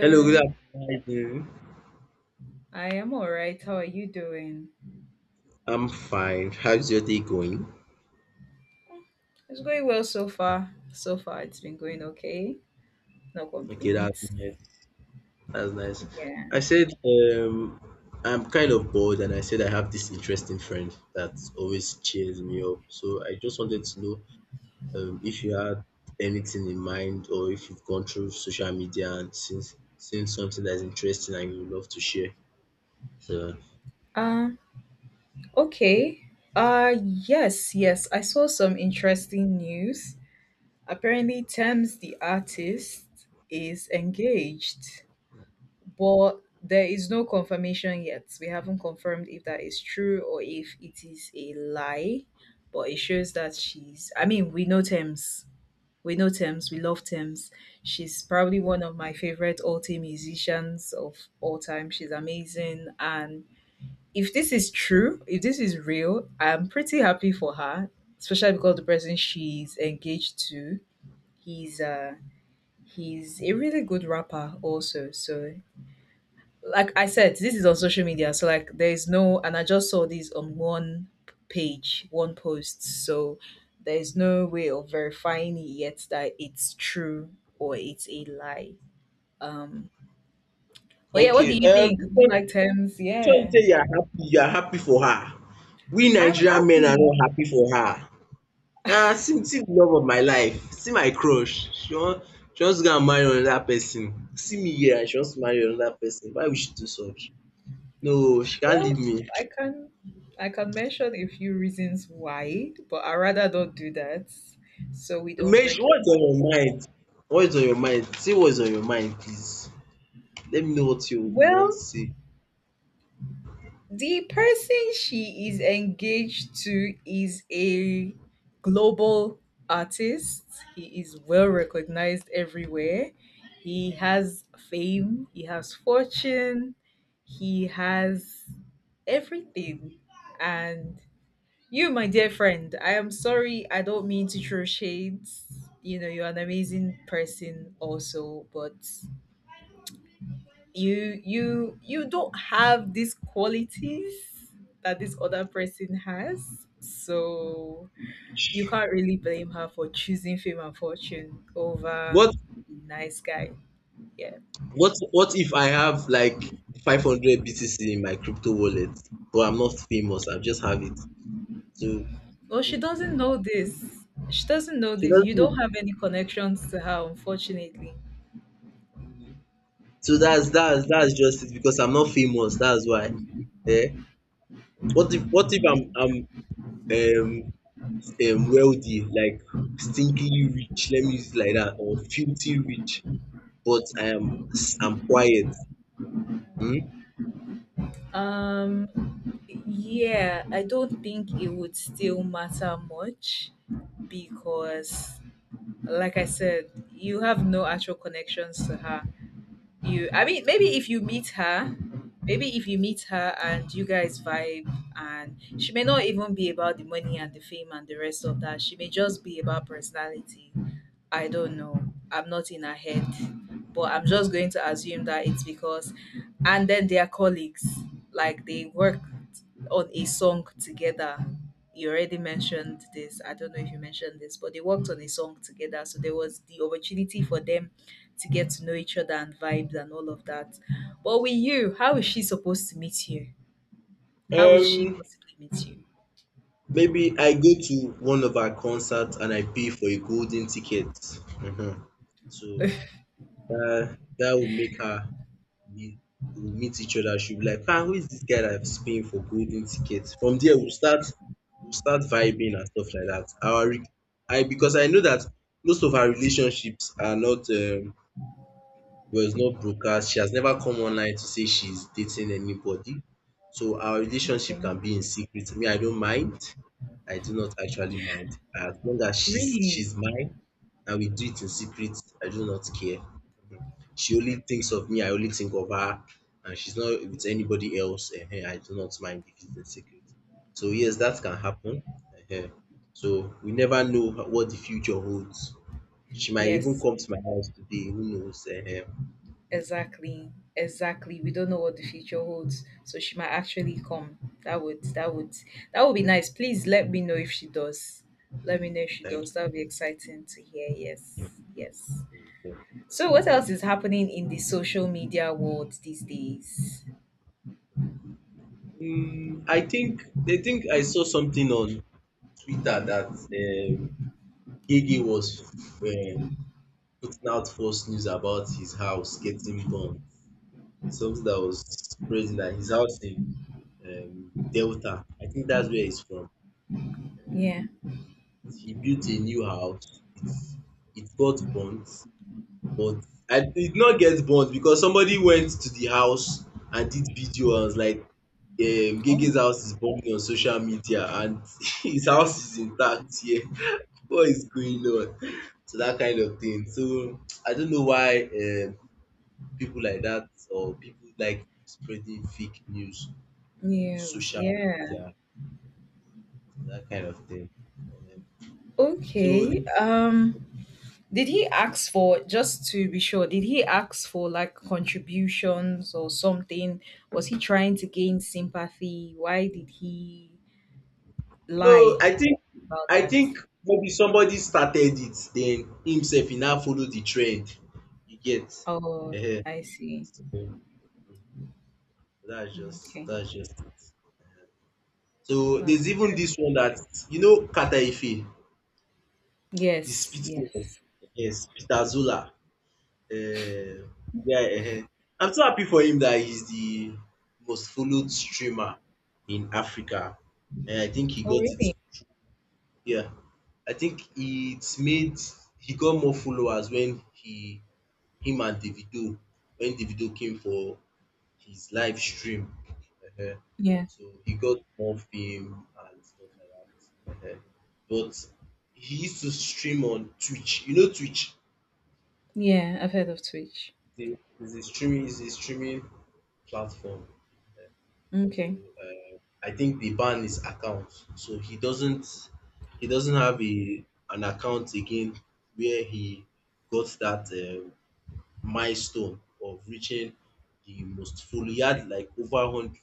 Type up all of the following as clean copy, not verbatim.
Hello, good afternoon. How you doing? I am all right. How are you doing? I'm fine. How's your day going? It's going well so far. So far, it's been going okay. No Okay, that's complaints. nice. That's nice. I Yeah. said um, I'm kind of bored, and I said I have this interesting friend that always cheers me up. So I just wanted to know if you had anything in mind, or if you've gone through social media and seen something that's interesting and you would love to share. So Uh. Okay. Yes. Yes. I saw some interesting news. Apparently, Thames the artist is engaged, but there is no confirmation yet. We haven't confirmed if that is true or if it is a lie. But it shows that she's. I mean, we know Tems, we love Tems. She's probably one of my favorite all time musicians of all time. She's amazing. And if this is true, if this is real, I'm pretty happy for her, especially because the person she's engaged to, he's uh he's a really good rapper also. So like I said, this is on social media, so like there is no, and I just saw this on one page, one post, so there is no way of verifying it yet that it's true or it's a lie. Um, but yeah, what do okay, you think? Do you like terms? so you Yeah, say you are happy. You are happy for her. We I'm Nigerian men are happy. not happy for her. Ah, see the love of my life, see my crush, she wants to go and marry another person. See me here and she wants to marry another person. Why would she do such? No, she can't leave Well, me. I can I can mention a few reasons why, but I rather don't do that so we don't Make sure break your. what's on your mind? What's on your mind? Say what's on your mind please. Let me know what you want to Well, say. the person she is engaged to is a global artist. He is well recognized everywhere. He has fame, he has fortune, he has everything. And you, my dear friend, I am sorry, I don't mean to throw shades. You know, you're an amazing person, also, but you don't have these qualities that this other person has, so you can't really blame her for choosing fame and fortune over What nice guy, yeah. what if I have like 500 BTC in my crypto wallet but I'm not famous, I just have it. So Well, she doesn't know this she doesn't know she this you doesn't don't know. have any connections to her, unfortunately. So that's just it because I'm not famous, that's why. Eh, what if I'm um wealthy, like stinkingly rich, let me use it like that, or filthy rich, but I'm quiet. Hmm? um yeah, I don't think it would still matter much, because like I said, you have no actual connections to her. You, I mean, maybe if you meet her and you guys vibe, and she may not even be about the money and the fame and the rest of that. She may just be about personality. I don't know, I'm not in her head, but I'm just going to assume that it's because, and then they are colleagues, like they worked on a song together. You already mentioned this, I don't know if you mentioned this, but they worked on a song together, so there was the opportunity for them to get to know each other and vibes and all of that. But with you, how is she supposed to meet you? How would she Um, possibly meet you? Maybe I go to one of our concerts and I pay for a golden ticket. Mhm. So that will make her we will meet each other. She'll be like, “Ah, who is this guy that is paying for golden tickets?" From there, we'll start vibing and stuff like that. Our re- I Because I know that most of our relationships are not, it was not broadcast. She has never come online to say she's dating anybody. So our relationship Okay. can be in secret. Me, I don't mind. I do not actually mind. As long as she's Really? mine and we do it in secret, I do not care. Mhm. She only thinks of me, I only think of her, and she's not with anybody else. Ehen, I do not mind if it's in secret. So yes, that can happen. Ehen. So we never know what the future holds. She might even Yes, come to my house today. Who knows? Ehen. exactly. Exactly. We don't know what the future holds. So she might actually come. That would that would that would be nice. Please let me know if she does. Let me know if she Thank does. That would be exciting to hear. Yes. Yes. So what else is happening in the social media world these days? Mm, I think I saw something on Twitter that um, Gigi was um, putting out false news about his house getting bombed. It's something that was spreading that his house in Delta. I think that's where he's from. Yeah. He, he built a new house. It got burnt. But I did not get burnt because somebody went to the house and did video and was like Oh. Gege's house is burning on social media and his house is intact here. What is going on? So that kind of thing. So I don't know why people like that or people like spreading fake news on Yes, social yeah. media, that kind of thing. Um, so Okay. the Did he ask for, just to be sure, did he ask for like contributions or something? Was he trying to gain sympathy? Why did he No, lie I think about I that? think maybe somebody started it, then himself he now follow the trend. You get? Oh, Ehen. I see. So that's just Okay. that's just it. So That's there's even this interesting. one that you know Kata Ife, the Yes, spit woman. yes. Yes, Peter Zola. Uh, yeah, ehen. I'm so happy for him that he's the most followed streamer in Africa. And I think he Oh, got it. really? Yeah, I think it's made he got more followers when he him and Davido when Davido came for his live stream. Ehen. Yeah. So he got more fame and stuff like that. Ehen. But he used to stream on Twitch. You know Twitch? Yeah, I've heard of Twitch. It's a, it's a streaming is a streaming platform. Uh-huh. So Okay. I think the ban is account. So he doesn't have a an account again where he got that milestone of reaching the most follow. He had like over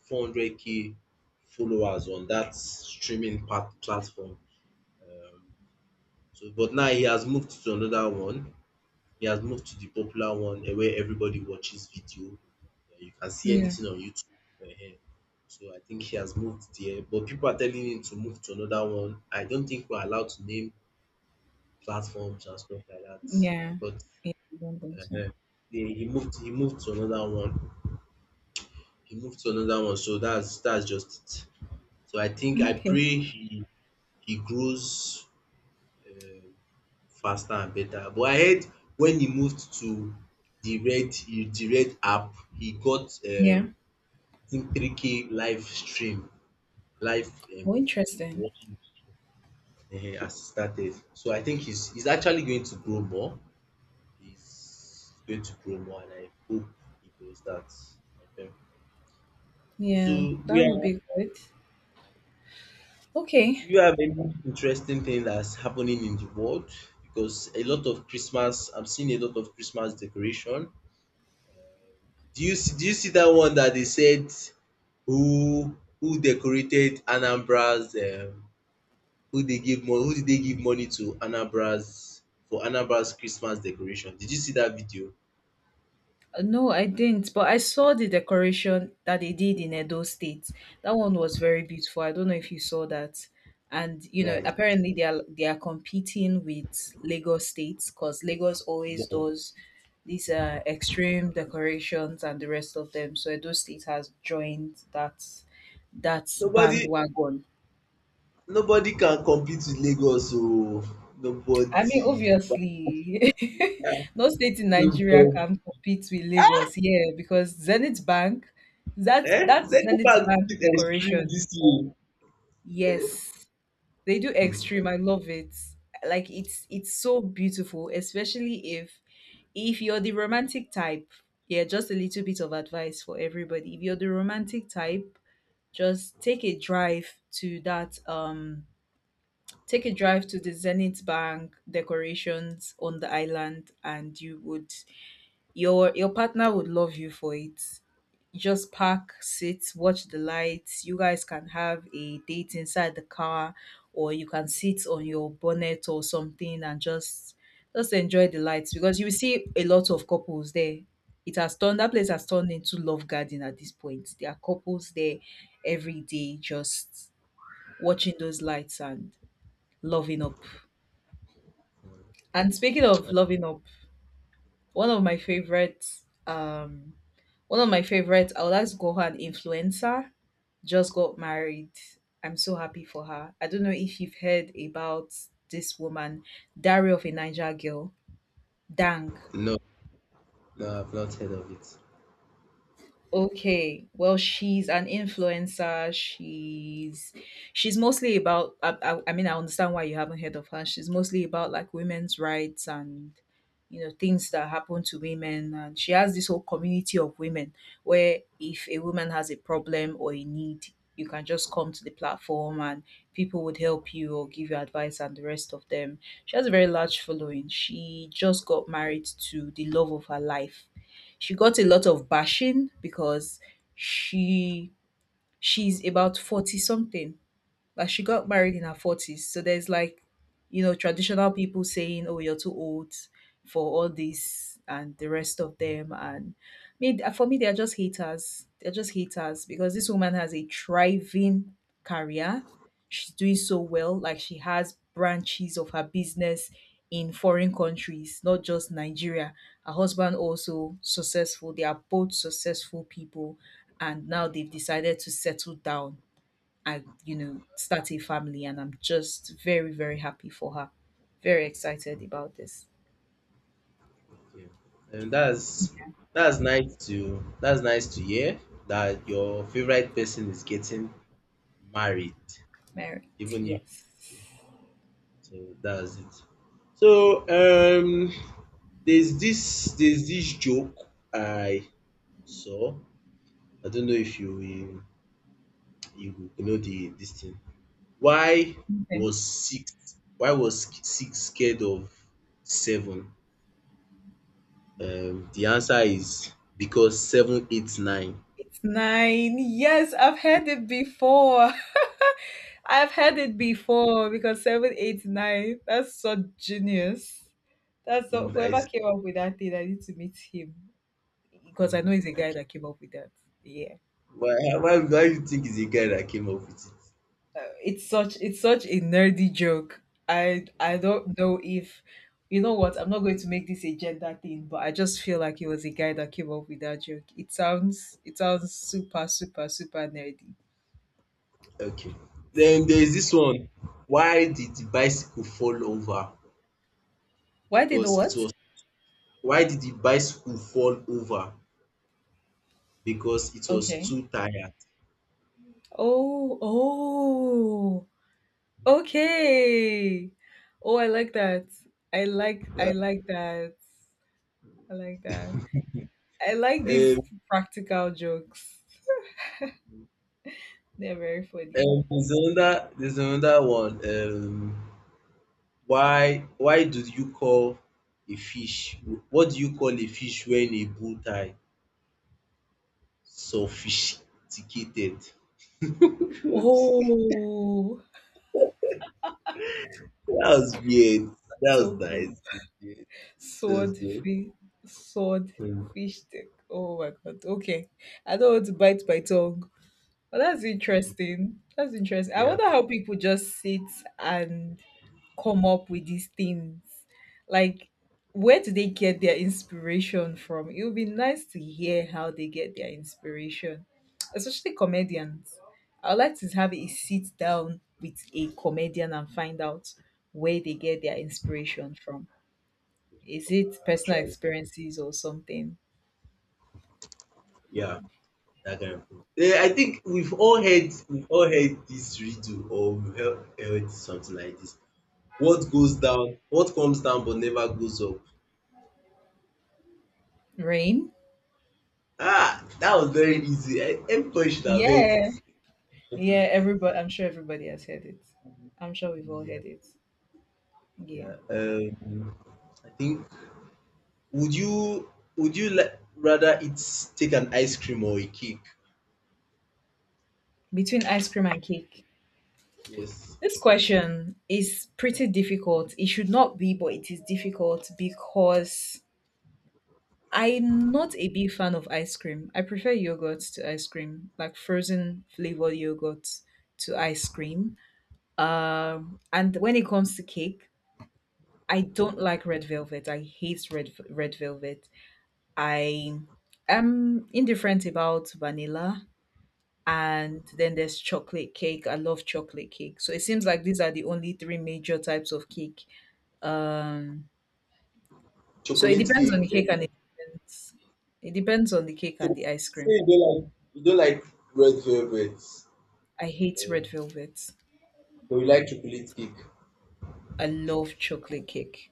400K followers on that streaming platform. Um, so but now he has moved to another one. He has moved to the popular one, where everybody watches video. You can see Yeah. anything on YouTube. uh So I think he has moved there, but people are telling him to move to another one. I don't think we're allowed to name platforms and stuff like that. Yeah. But I don't think so. uh he moved to another one. He moved to another one. So that's just it. So I think I Okay. pray he grows. Uh, Faster and better. But I heard when he moved to the Red app, he got Yeah. 3K live stream, live um Oh, people interesting. watching as he started. So I think he's actually going to grow more. He's going to grow more and I hope he does that. Okay. Yeah, So we that would are be good. do Okay. you have any interesting thing that's happening in the world? Because a lot of Christmas I'm seeing a lot of Christmas decoration. Do you see that one that they said who decorated Anambra's, who did they give money to? Anambra's, for Anambra's Christmas decoration? Did you see that video? No, I didn't, but I saw the decoration that they did in Edo State. That one was very beautiful. I don't know if you saw that. And you No, I know, didn't see apparently that. they are competing with Lagos State, because Lagos always No. does these extreme decorations and the rest of them. So Edo State has joined that Nobody bandwagon. nobody can compete with Lagos o. I mean, Nobody. obviously, no state in Nigeria Nobody. can compete with Lagos, yeah, because Zenith Bank, that's Eh? that Zenith Zenith Bank Bank did extreme decoration. this year. Yes, they do Hmm. extreme. I love it. Like it's so beautiful, especially if you're the romantic type. Yeah, just a little bit of advice for everybody. If you're the romantic type, just take a drive to that Take a drive to the Zenith Bank decorations on the island, and you would your partner would love you for it. Just park, sit, watch the lights. You guys can have a date inside the car or you can sit on your bonnet or something, and just enjoy the lights, because you will see a lot of couples there. It has turned that place has turned into love garden at this point. There are couples there every day just watching those lights and loving up. And speaking of loving up, one of my favorite, um, one of my favorite, I would like to call her an influencer, just got married. I'm so happy for her. I don't know if you've heard about this woman, Diary of a Niger Girl, Dang. No, no, I've not heard of it. Okay, well, she's an influencer. She's mostly about. I mean, I understand why you haven't heard of her. She's mostly about like women's rights and, you know, things that happen to women, and she has this whole community of women where if a woman has a problem or a need, you can just come to the platform and people would help you or give you advice and the rest of them. She has a very large following. She just got married to the love of her life. She got a lot of bashing because she she's about 40 something, like she got married in her forties, so there's like, you know, traditional people saying, "Oh, you're too old for all this," and the rest of them. And me, for me, they're just haters. They're just haters because this woman has a thriving career. She's doing so well. Like she has branches of her business in foreign countries, not just Nigeria. Her husband also successful. They are both successful people, and now they've decided to settle down and, you know, start a family, and I'm just very, very happy for her, very excited about this Okay. And that's nice to hear that your favorite person is getting married, mm, marriage. even if Yes. That's it. So there's this joke I saw. I don't know if you will know the this thing. Why Okay. Why was six scared of seven? The answer is because seven, eight, nine. It's nine, yes, I've heard it before. I've heard it before, because seven eight nine, that's so genius. That's so, I whoever came up with that thing, I need to meet him, because I Mm. know he's a guy Okay. that came up with that. Yeah. Why do you think it's the guy that came up with it? It's such a nerdy joke. I don't know if, you know what, I'm not going to make this a gender thing, but I just feel like it was a guy that came up with that joke. It sounds super, super, super nerdy. Okay. Then So there is this one. Why did the bicycle fall over? why did the Because it what? was. Why did the bicycle fall over? Because it was Okay. too tired. Oh, oh, okay. Oh, I like that. I like Uh, I like that. I like that. I like these um, practical jokes. They're very funny. There's another. There's another one. Why do you call a fish? What do you call a fish when a bull tie sophisticated? Oh, That was weird. That that's was so cool. nice. Sword Thursday. fish, sword Mm. fish stick. Oh my god. Okay. I don't want to bite my tongue. But that's interesting. That's interesting. I Yeah. wonder how people just sit and come up with these things. Like, where do they get their inspiration from? It would be nice to hear how they get their inspiration, especially comedians. I would like to have a sit down with a comedian and find out where they get their inspiration from. Is it personal Actually, experiences or something? yeah, that kind of thing. Eh, I think we've all heard this riddle or heard something like this. What comes down but never goes up. Rain? Ah, that was very easy. Everybody should have heard Yeah. it. Yeah, everybody, I'm sure everybody has heard it. I'm sure we've all Yeah, heard it. Yeah. yeah. I think would you would you like rather it take an ice cream or a cake? Between ice cream and cake. Yes, This question is pretty difficult. It should not be, but it is difficult because I'm not a big fan of ice cream. I prefer yogurt to ice cream, like frozen flavored yogurt to ice cream. And when it comes to cake, I don't like red velvet. I hate red velvet. I am indifferent about vanilla. And then there's chocolate cake. I love chocolate cake. So it seems like these are the only three major types of cake. Um, so it chocolate depends on the cake. cake, and it depends. It depends on the cake So and the ice so cream. you don't like red velvet, I hate red eh, velvet. but you like chocolate cake. I love chocolate cake.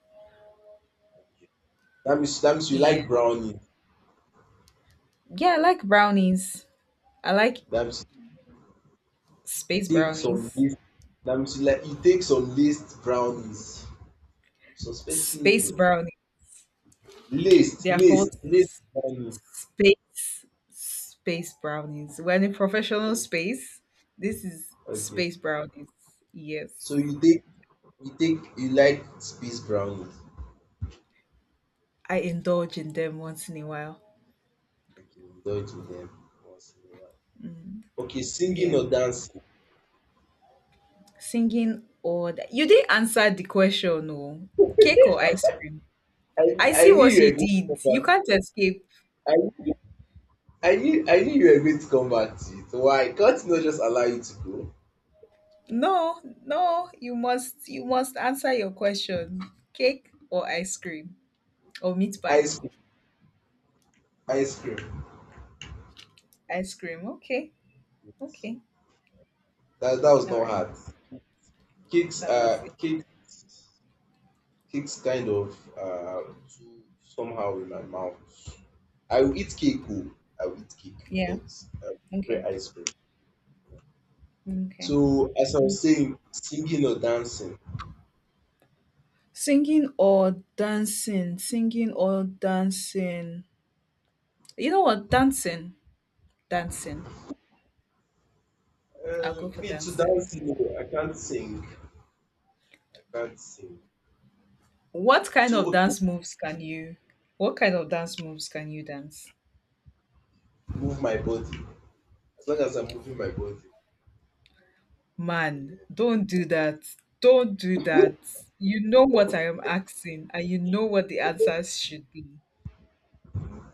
That means you Yeah. like brownie. Yeah, I like brownies. I like That means you space take some brownies. list. That means you take some laced brownies. I'm suspecting Space you. brownies. Laced, They are laced, called laced brownie. space brownies. We're in professional Okay. space. This is Okay. space brownies. Yes. So you like space brownies. I indulge in them once in a while. Okay, indulge in them once in a while. Okay, singing Yeah. or dancing. Singing or da you didn't answer the question, oh. Cake or I ice cream? I I see knew what you you were going to come did. You back. can't escape. I knew I knew you were going to come back to it. Why? Can't you not just allow you to go? No, no, you must answer your question. Cake or ice cream? Or meat pie? Ice cream. Ice cream. Ice cream. Okay. Okay. That was All not right. hard. Kicks That was uh it. kick kicks kind of too somehow in my mouth. I will eat cake, oh. I will eat cake, Yeah. but I Okay. prefer ice cream. Okay. So as I Mm. was saying, singing or dancing. Singing or dancing? Singing or dancing? You know what? Dancing. Dancing. I'll go for Me to dancing. dancing, no, I can't sing. I can't sing. What kind of So okay, dance moves can you what kind of dance moves can you dance? move my body. As long as I'm moving my body. Man, don't do that. Don't do that. You know what I am asking, and you know what the answers should be.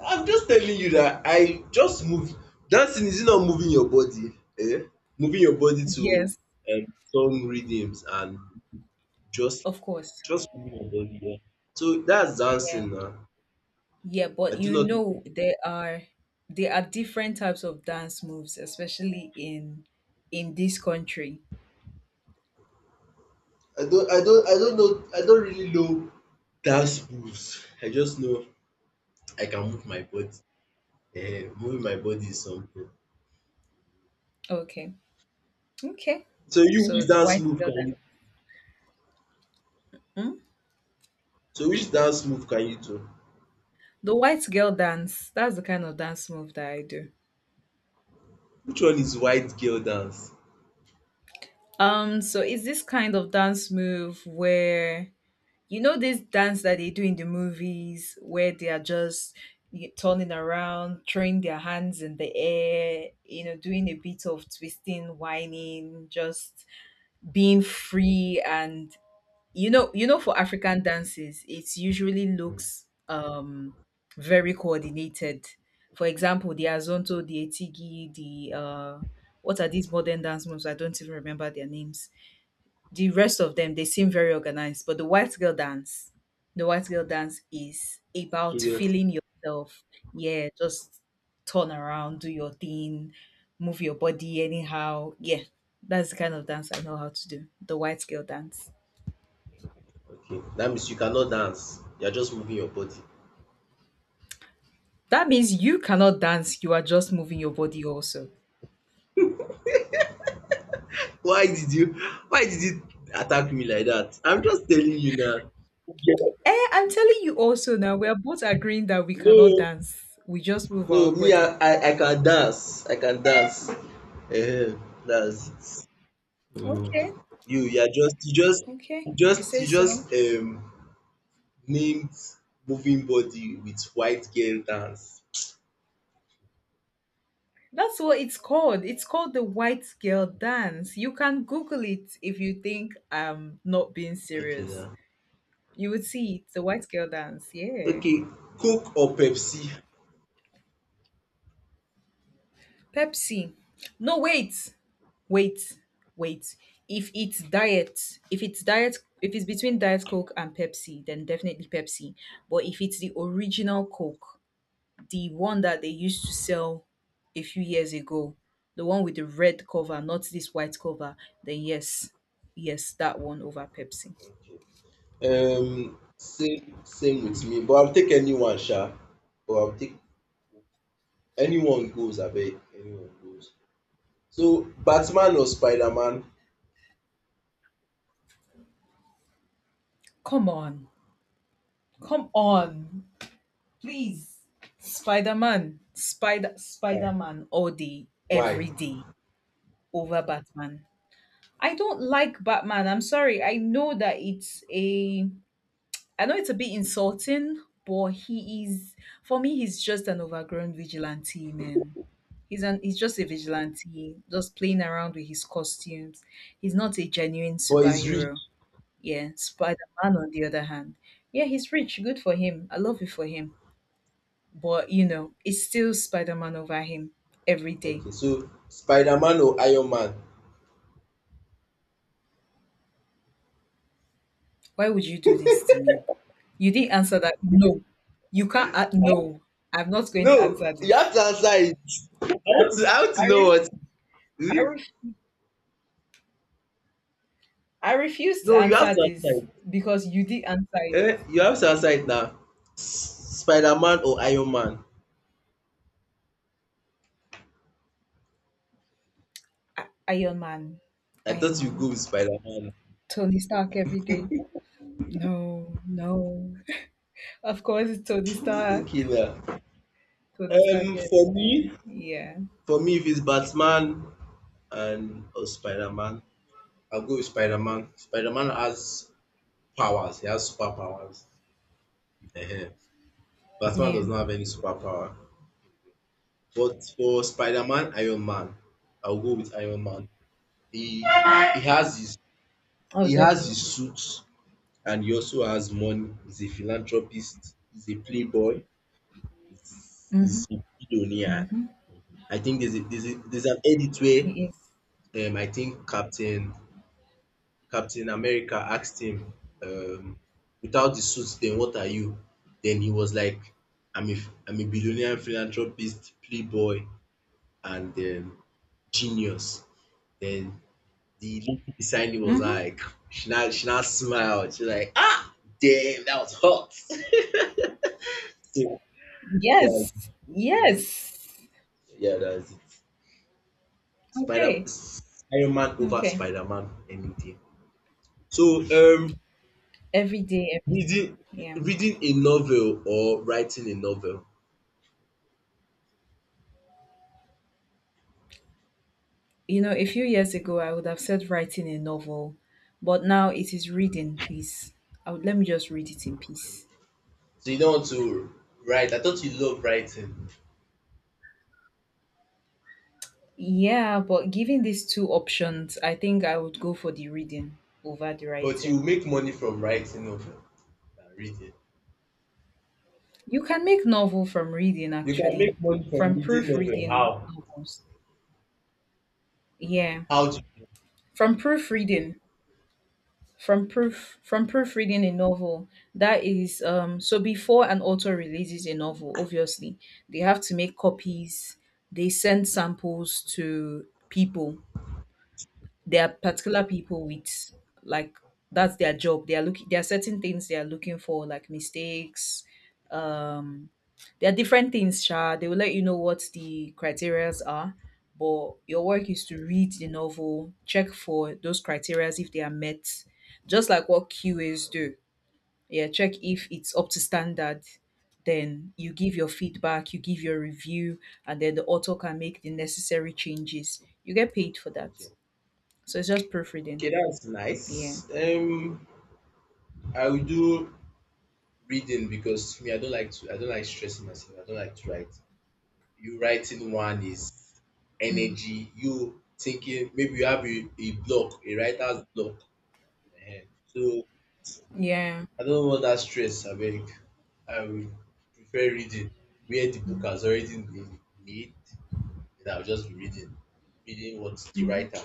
I'm just telling you that I just move. Dancing is not moving your body? Eh? Moving your body to, Yes, um, song rhythms and just of course. just moving your body. Yeah. So that's Yeah. dancing now. Yeah, I but do you not. know, there are different types of dance moves, especially in this country. I don't. I don't. I don't know. I don't really know dance moves. I just know I can move my body. Eh, moving my body is something. Okay. Okay. So you So which the dance white move girl can dance. you? Hmm? So which dance move can you do? The white girl dance, that's the kind of dance move that I do. Which one is white girl dance? So it's this kind of dance move where you know this dance that they do in the movies where they are just turning around, throwing their hands in the air, you know, doing a bit of twisting, whining, just being free and you know, for African dances, it usually looks very coordinated. For example, the Azonto, the Etigi, the what are these modern dance moves? I don't even remember their names, the rest of them. They seem very organized, but the white girl dance, the white girl dance is about feeling yourself. Yeah, just turn around, do your thing, move your body anyhow. Yeah, that's the kind of dance I know how to do. The white girl dance. Okay, that means you cannot dance. You're just moving your body. That means you cannot dance, you are just moving your body also. Why did you why did you attack me like that? I'm just telling you now. Eh, I'm telling you also now, we are both agreeing that we cannot No, dance. We just move no, our me body. I can dance. I can dance. That's it. Mhm. Okay, You you just okay, you if you just say you so. just um named moving body with white girl dance. That's what it's called. It's called the white girl dance. You can Google it if you think I'm not being Okay serious. now. You would see it. The white girl dance. Yeah. Okay, Coke or Pepsi? Pepsi. No, wait. Wait. Wait. If it's diet, if it's diet, if it's between Diet Coke and Pepsi, then definitely Pepsi. But if it's the original Coke, the one that they used to sell a few years ago, the one with the red cover, not this white cover, then yes, yes, that one over Pepsi. Okay. Same with me, but I'll take anyone sha. But I'll take anyone goes, I abeg, anyone goes. So Batman or Spiderman? Come on. Come on. Please. Spider Man, Spider Spider Why? Man, all day, Why? every day over Batman. I don't like Batman. I'm sorry. I know that it's a I know it's a bit insulting, but he is for me he's just an overgrown vigilante, man. He's just a vigilante, just playing around with his costumes. He's not a genuine But he's rich. superhero. Yeah, Spider-Man on the other hand. Yeah, he's rich, good for him. I love it for him. But you know, it's still Spider-Man over him every day. Okay, so Spiderman or Iron Man? Why would you do this to me? You didn't answer that. No, you can't. Eh? No, I'm not going to No, answer you this. have to answer it. I I, want to ref, I, know ref, what. I, Hmm? ref, I refuse to No, you have answer to answer this it. because you did answer it. Eh? You have to answer it now. Spiderman or Iron Man? I- Iron Man. I Iron thought you go Man. with Spiderman. Tony Stark every day. No, no. Of course, it's Tony Okay Stark. now. Tony Stark Um, every for day. me, Yeah. For me, if it's Batman and or Spider-Man, I'll go with Spider-Man. Spider-Man has powers. He has superpowers. Ehen. Batman Yeah. does not have any superpower. But for Spider-Man, Iron Man, I'll go with Iron Man. He he has his Oh, he has his definitely. suit and he also has money. He's a philanthropist. He's a playboy. He's Mm-hmm. he's a billionaire. Mm-hmm. I think there's an edit He where is. I think Captain America asked him, um, without the suit, then what are you? Then he was like, I'm a, I'm a billionaire philanthropist, playboy, and genius. Then the lady beside him was Mm-hmm. like, she now smiled. She's like, ah, damn, that was hot. So, yeah, Yes. Yes. yeah, that's it. Spider, Okay. Iron Man over Okay. Spider Man any day. So, Every day, every time. reading, Yeah. reading a novel or writing a novel. You know, a few years ago, I would have said writing a novel, but now it is reading, please. I would, let me just read it in peace. So you don't want to write. I thought you love writing, Yeah, but given these two options, I think I would go for the reading over the but you writing. make money from writing novel than reading. You can make novel from reading, You can actually, make money from from reading novel. proofreading How? novels. Yeah, How do you? from proofreading. From proofreading a novel, that is, so before an author releases a novel, obviously they have to make copies, they send samples to people. There are particular people with, like, that's their job. They are looking, there are certain things they are looking for, like mistakes, um there are different things, Sha. They will let you know what the criterias are, but your work is to read the novel, check for those criterias if they are met, just like what QAs do. Yeah, check if it's up to standard. Then you give your feedback, you give your review, and then the author can make the necessary changes. You get paid for that. Okay. So it's just proofreading. Okay, that's Yeah. nice. I will do reading because me, I don't like to. I don't like stressing myself. I don't like to write. You writing one is Mm. energy. You thinking maybe you have a block, a writer's block. Ehen. So Yeah. I don't want that stress abeg. I would prefer reading where the book has already been made and I will just be reading what the Mhm. writer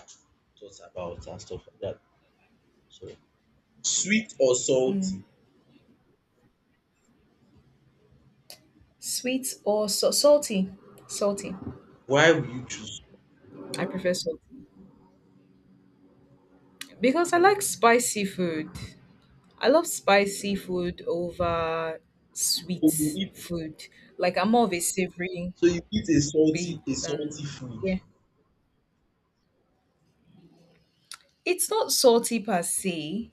thought about and stuff like that. So sweet or salty, Mm. Sweet or salty? Salty. why will you choose? I prefer salty. Because I like spicy food. I love spicy food over So you sweet eat food. Like I'm more of a savory so you eat babe a salty than, food. yeah. It's not salty per se.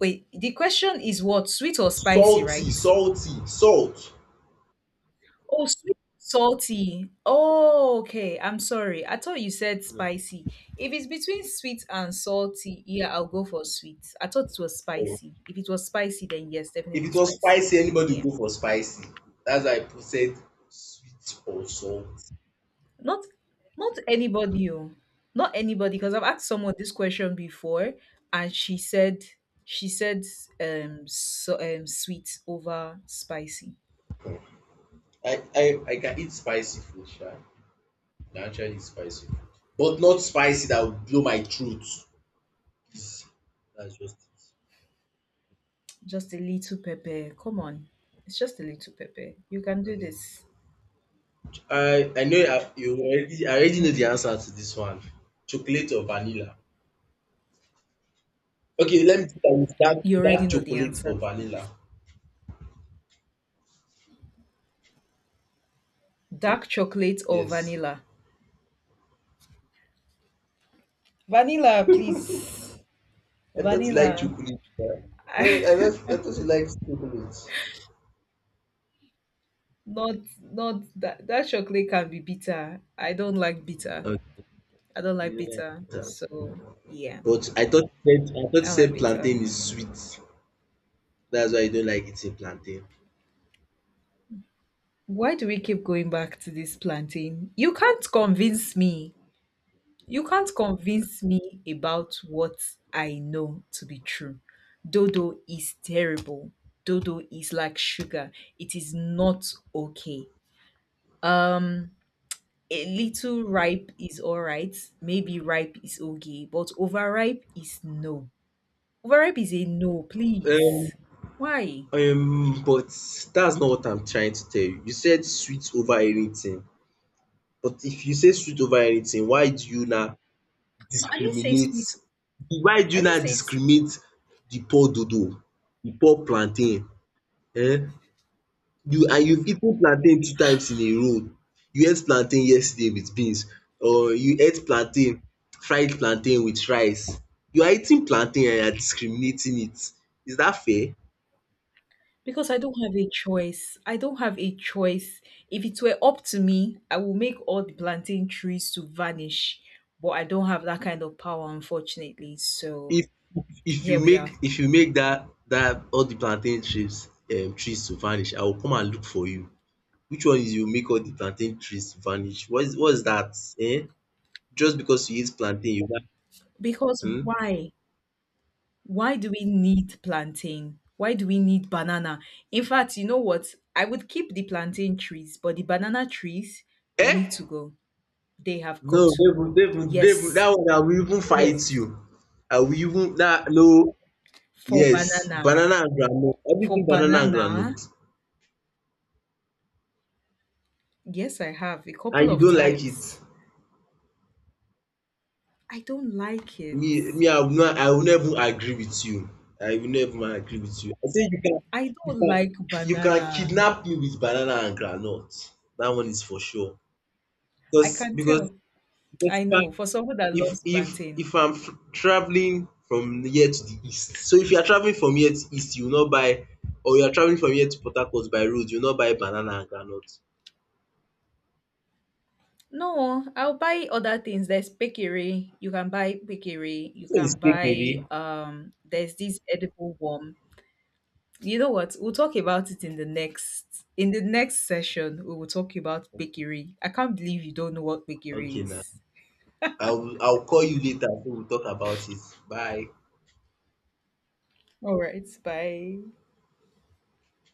Wait, the question is what? Sweet or spicy, Salty right? salty salt. Oh, sweet salty. Oh, okay. I'm sorry. I thought you said No. spicy. If it's between sweet and salty, yeah, I'll go for sweet. I thought it was Oh. spicy. If it was spicy, then yes, If definitely it was spicy. spicy anybody will Yeah. go for spicy. Dats why I put said sweet or salt. Not not anybody, oh. Not anybody. Because I've asked someone this question before, and she said sweet over spicy. I can eat spicy food sha. They actually eat spicy food, but not spicy that would blow my throat. Please, that's just Just a little pepper. Come on, it's just a little pepper. You can it. do Abeg. this. I know you have you already I already know the Okay. answer to this one. Chocolate or vanilla? Okay, let me start with You already dark know the chocolate answer or to it. vanilla. Dark chocolate or Yes. vanilla? Vanilla, please. I thought you like Vanilla. chocolate. Yeah. No, I left, I thought you liked chocolate. Not not that that chocolate can be bitter. I don't like bitter. Okay. I don't like You don't like. bitter. Yeah. So yeah, But I thought you said I thought you I don't like said bitter. plantain is sweet. That's why you don't like eating plantain. Why do we keep going back to this plantain? You can't convince me. You can't convince me about what I know to be true. Dodo is terrible. Dodo is like sugar. It is not okay. Um a little ripe is alright. Maybe ripe is okay, but overripe is no. Overripe is a no, Um please. Why? but that's not what I'm trying to tell you. You said sweet over anything. But if you say sweet over anything, why do you now No, I didn't say discriminate? sweet, Why do I you didn't now say s- discriminate the poor dodo, the poor plantain? Eh? You've eaten plantain two times in a row. You ate plantain yesterday with beans or you ate fried plantain with rice. You are eating plantain and you are discriminating it. Is that fair? because I don't have a choice. I don't have a choice. If it were up to me, I would make all the plantain trees to vanish, but I don't have that kind of power, unfortunately. So If here we are. if you make that that all the plantain trees to vanish, I will come and look for you. Which one is you make all the plantain trees to vanish? What is that? Eh? Just because you eat plantain you want Because um? why? Why do we need plantain? Why do we need banana? In fact, you know what? I would keep the plantain trees, but the banana trees, they need um? to go. They have No got to go. They will. That Yes. one I will even fight you. Yes. I will even that no For Yes, banana. banana and groundnut. For Everything banana and banana. groundnut? Yes, I have a And couple you of don't like it? times. I don't like it. Me, I will not agree with you. I will never agree with you. I say I you don't can like you can banana. kidnap me with banana and groundnut. That one is for sure. I Because can because tell. because I know. For someone that if loves if plantain. if I'm travelling from here to the east. So if you are travelling from here to east you will not buy or you are travelling from here to Port Harcourt by road you will not buy banana and groundnut. No, I'll buy other things. There's bakery. You can buy bakery. You This one is can kekere. buy there's this edible worm. You know what? We'll talk about it in the next session. We will talk about bakery. I can't believe you don't know what Okay bakery na. is. I will call you later so we will talk about it. Bye. All right, bye.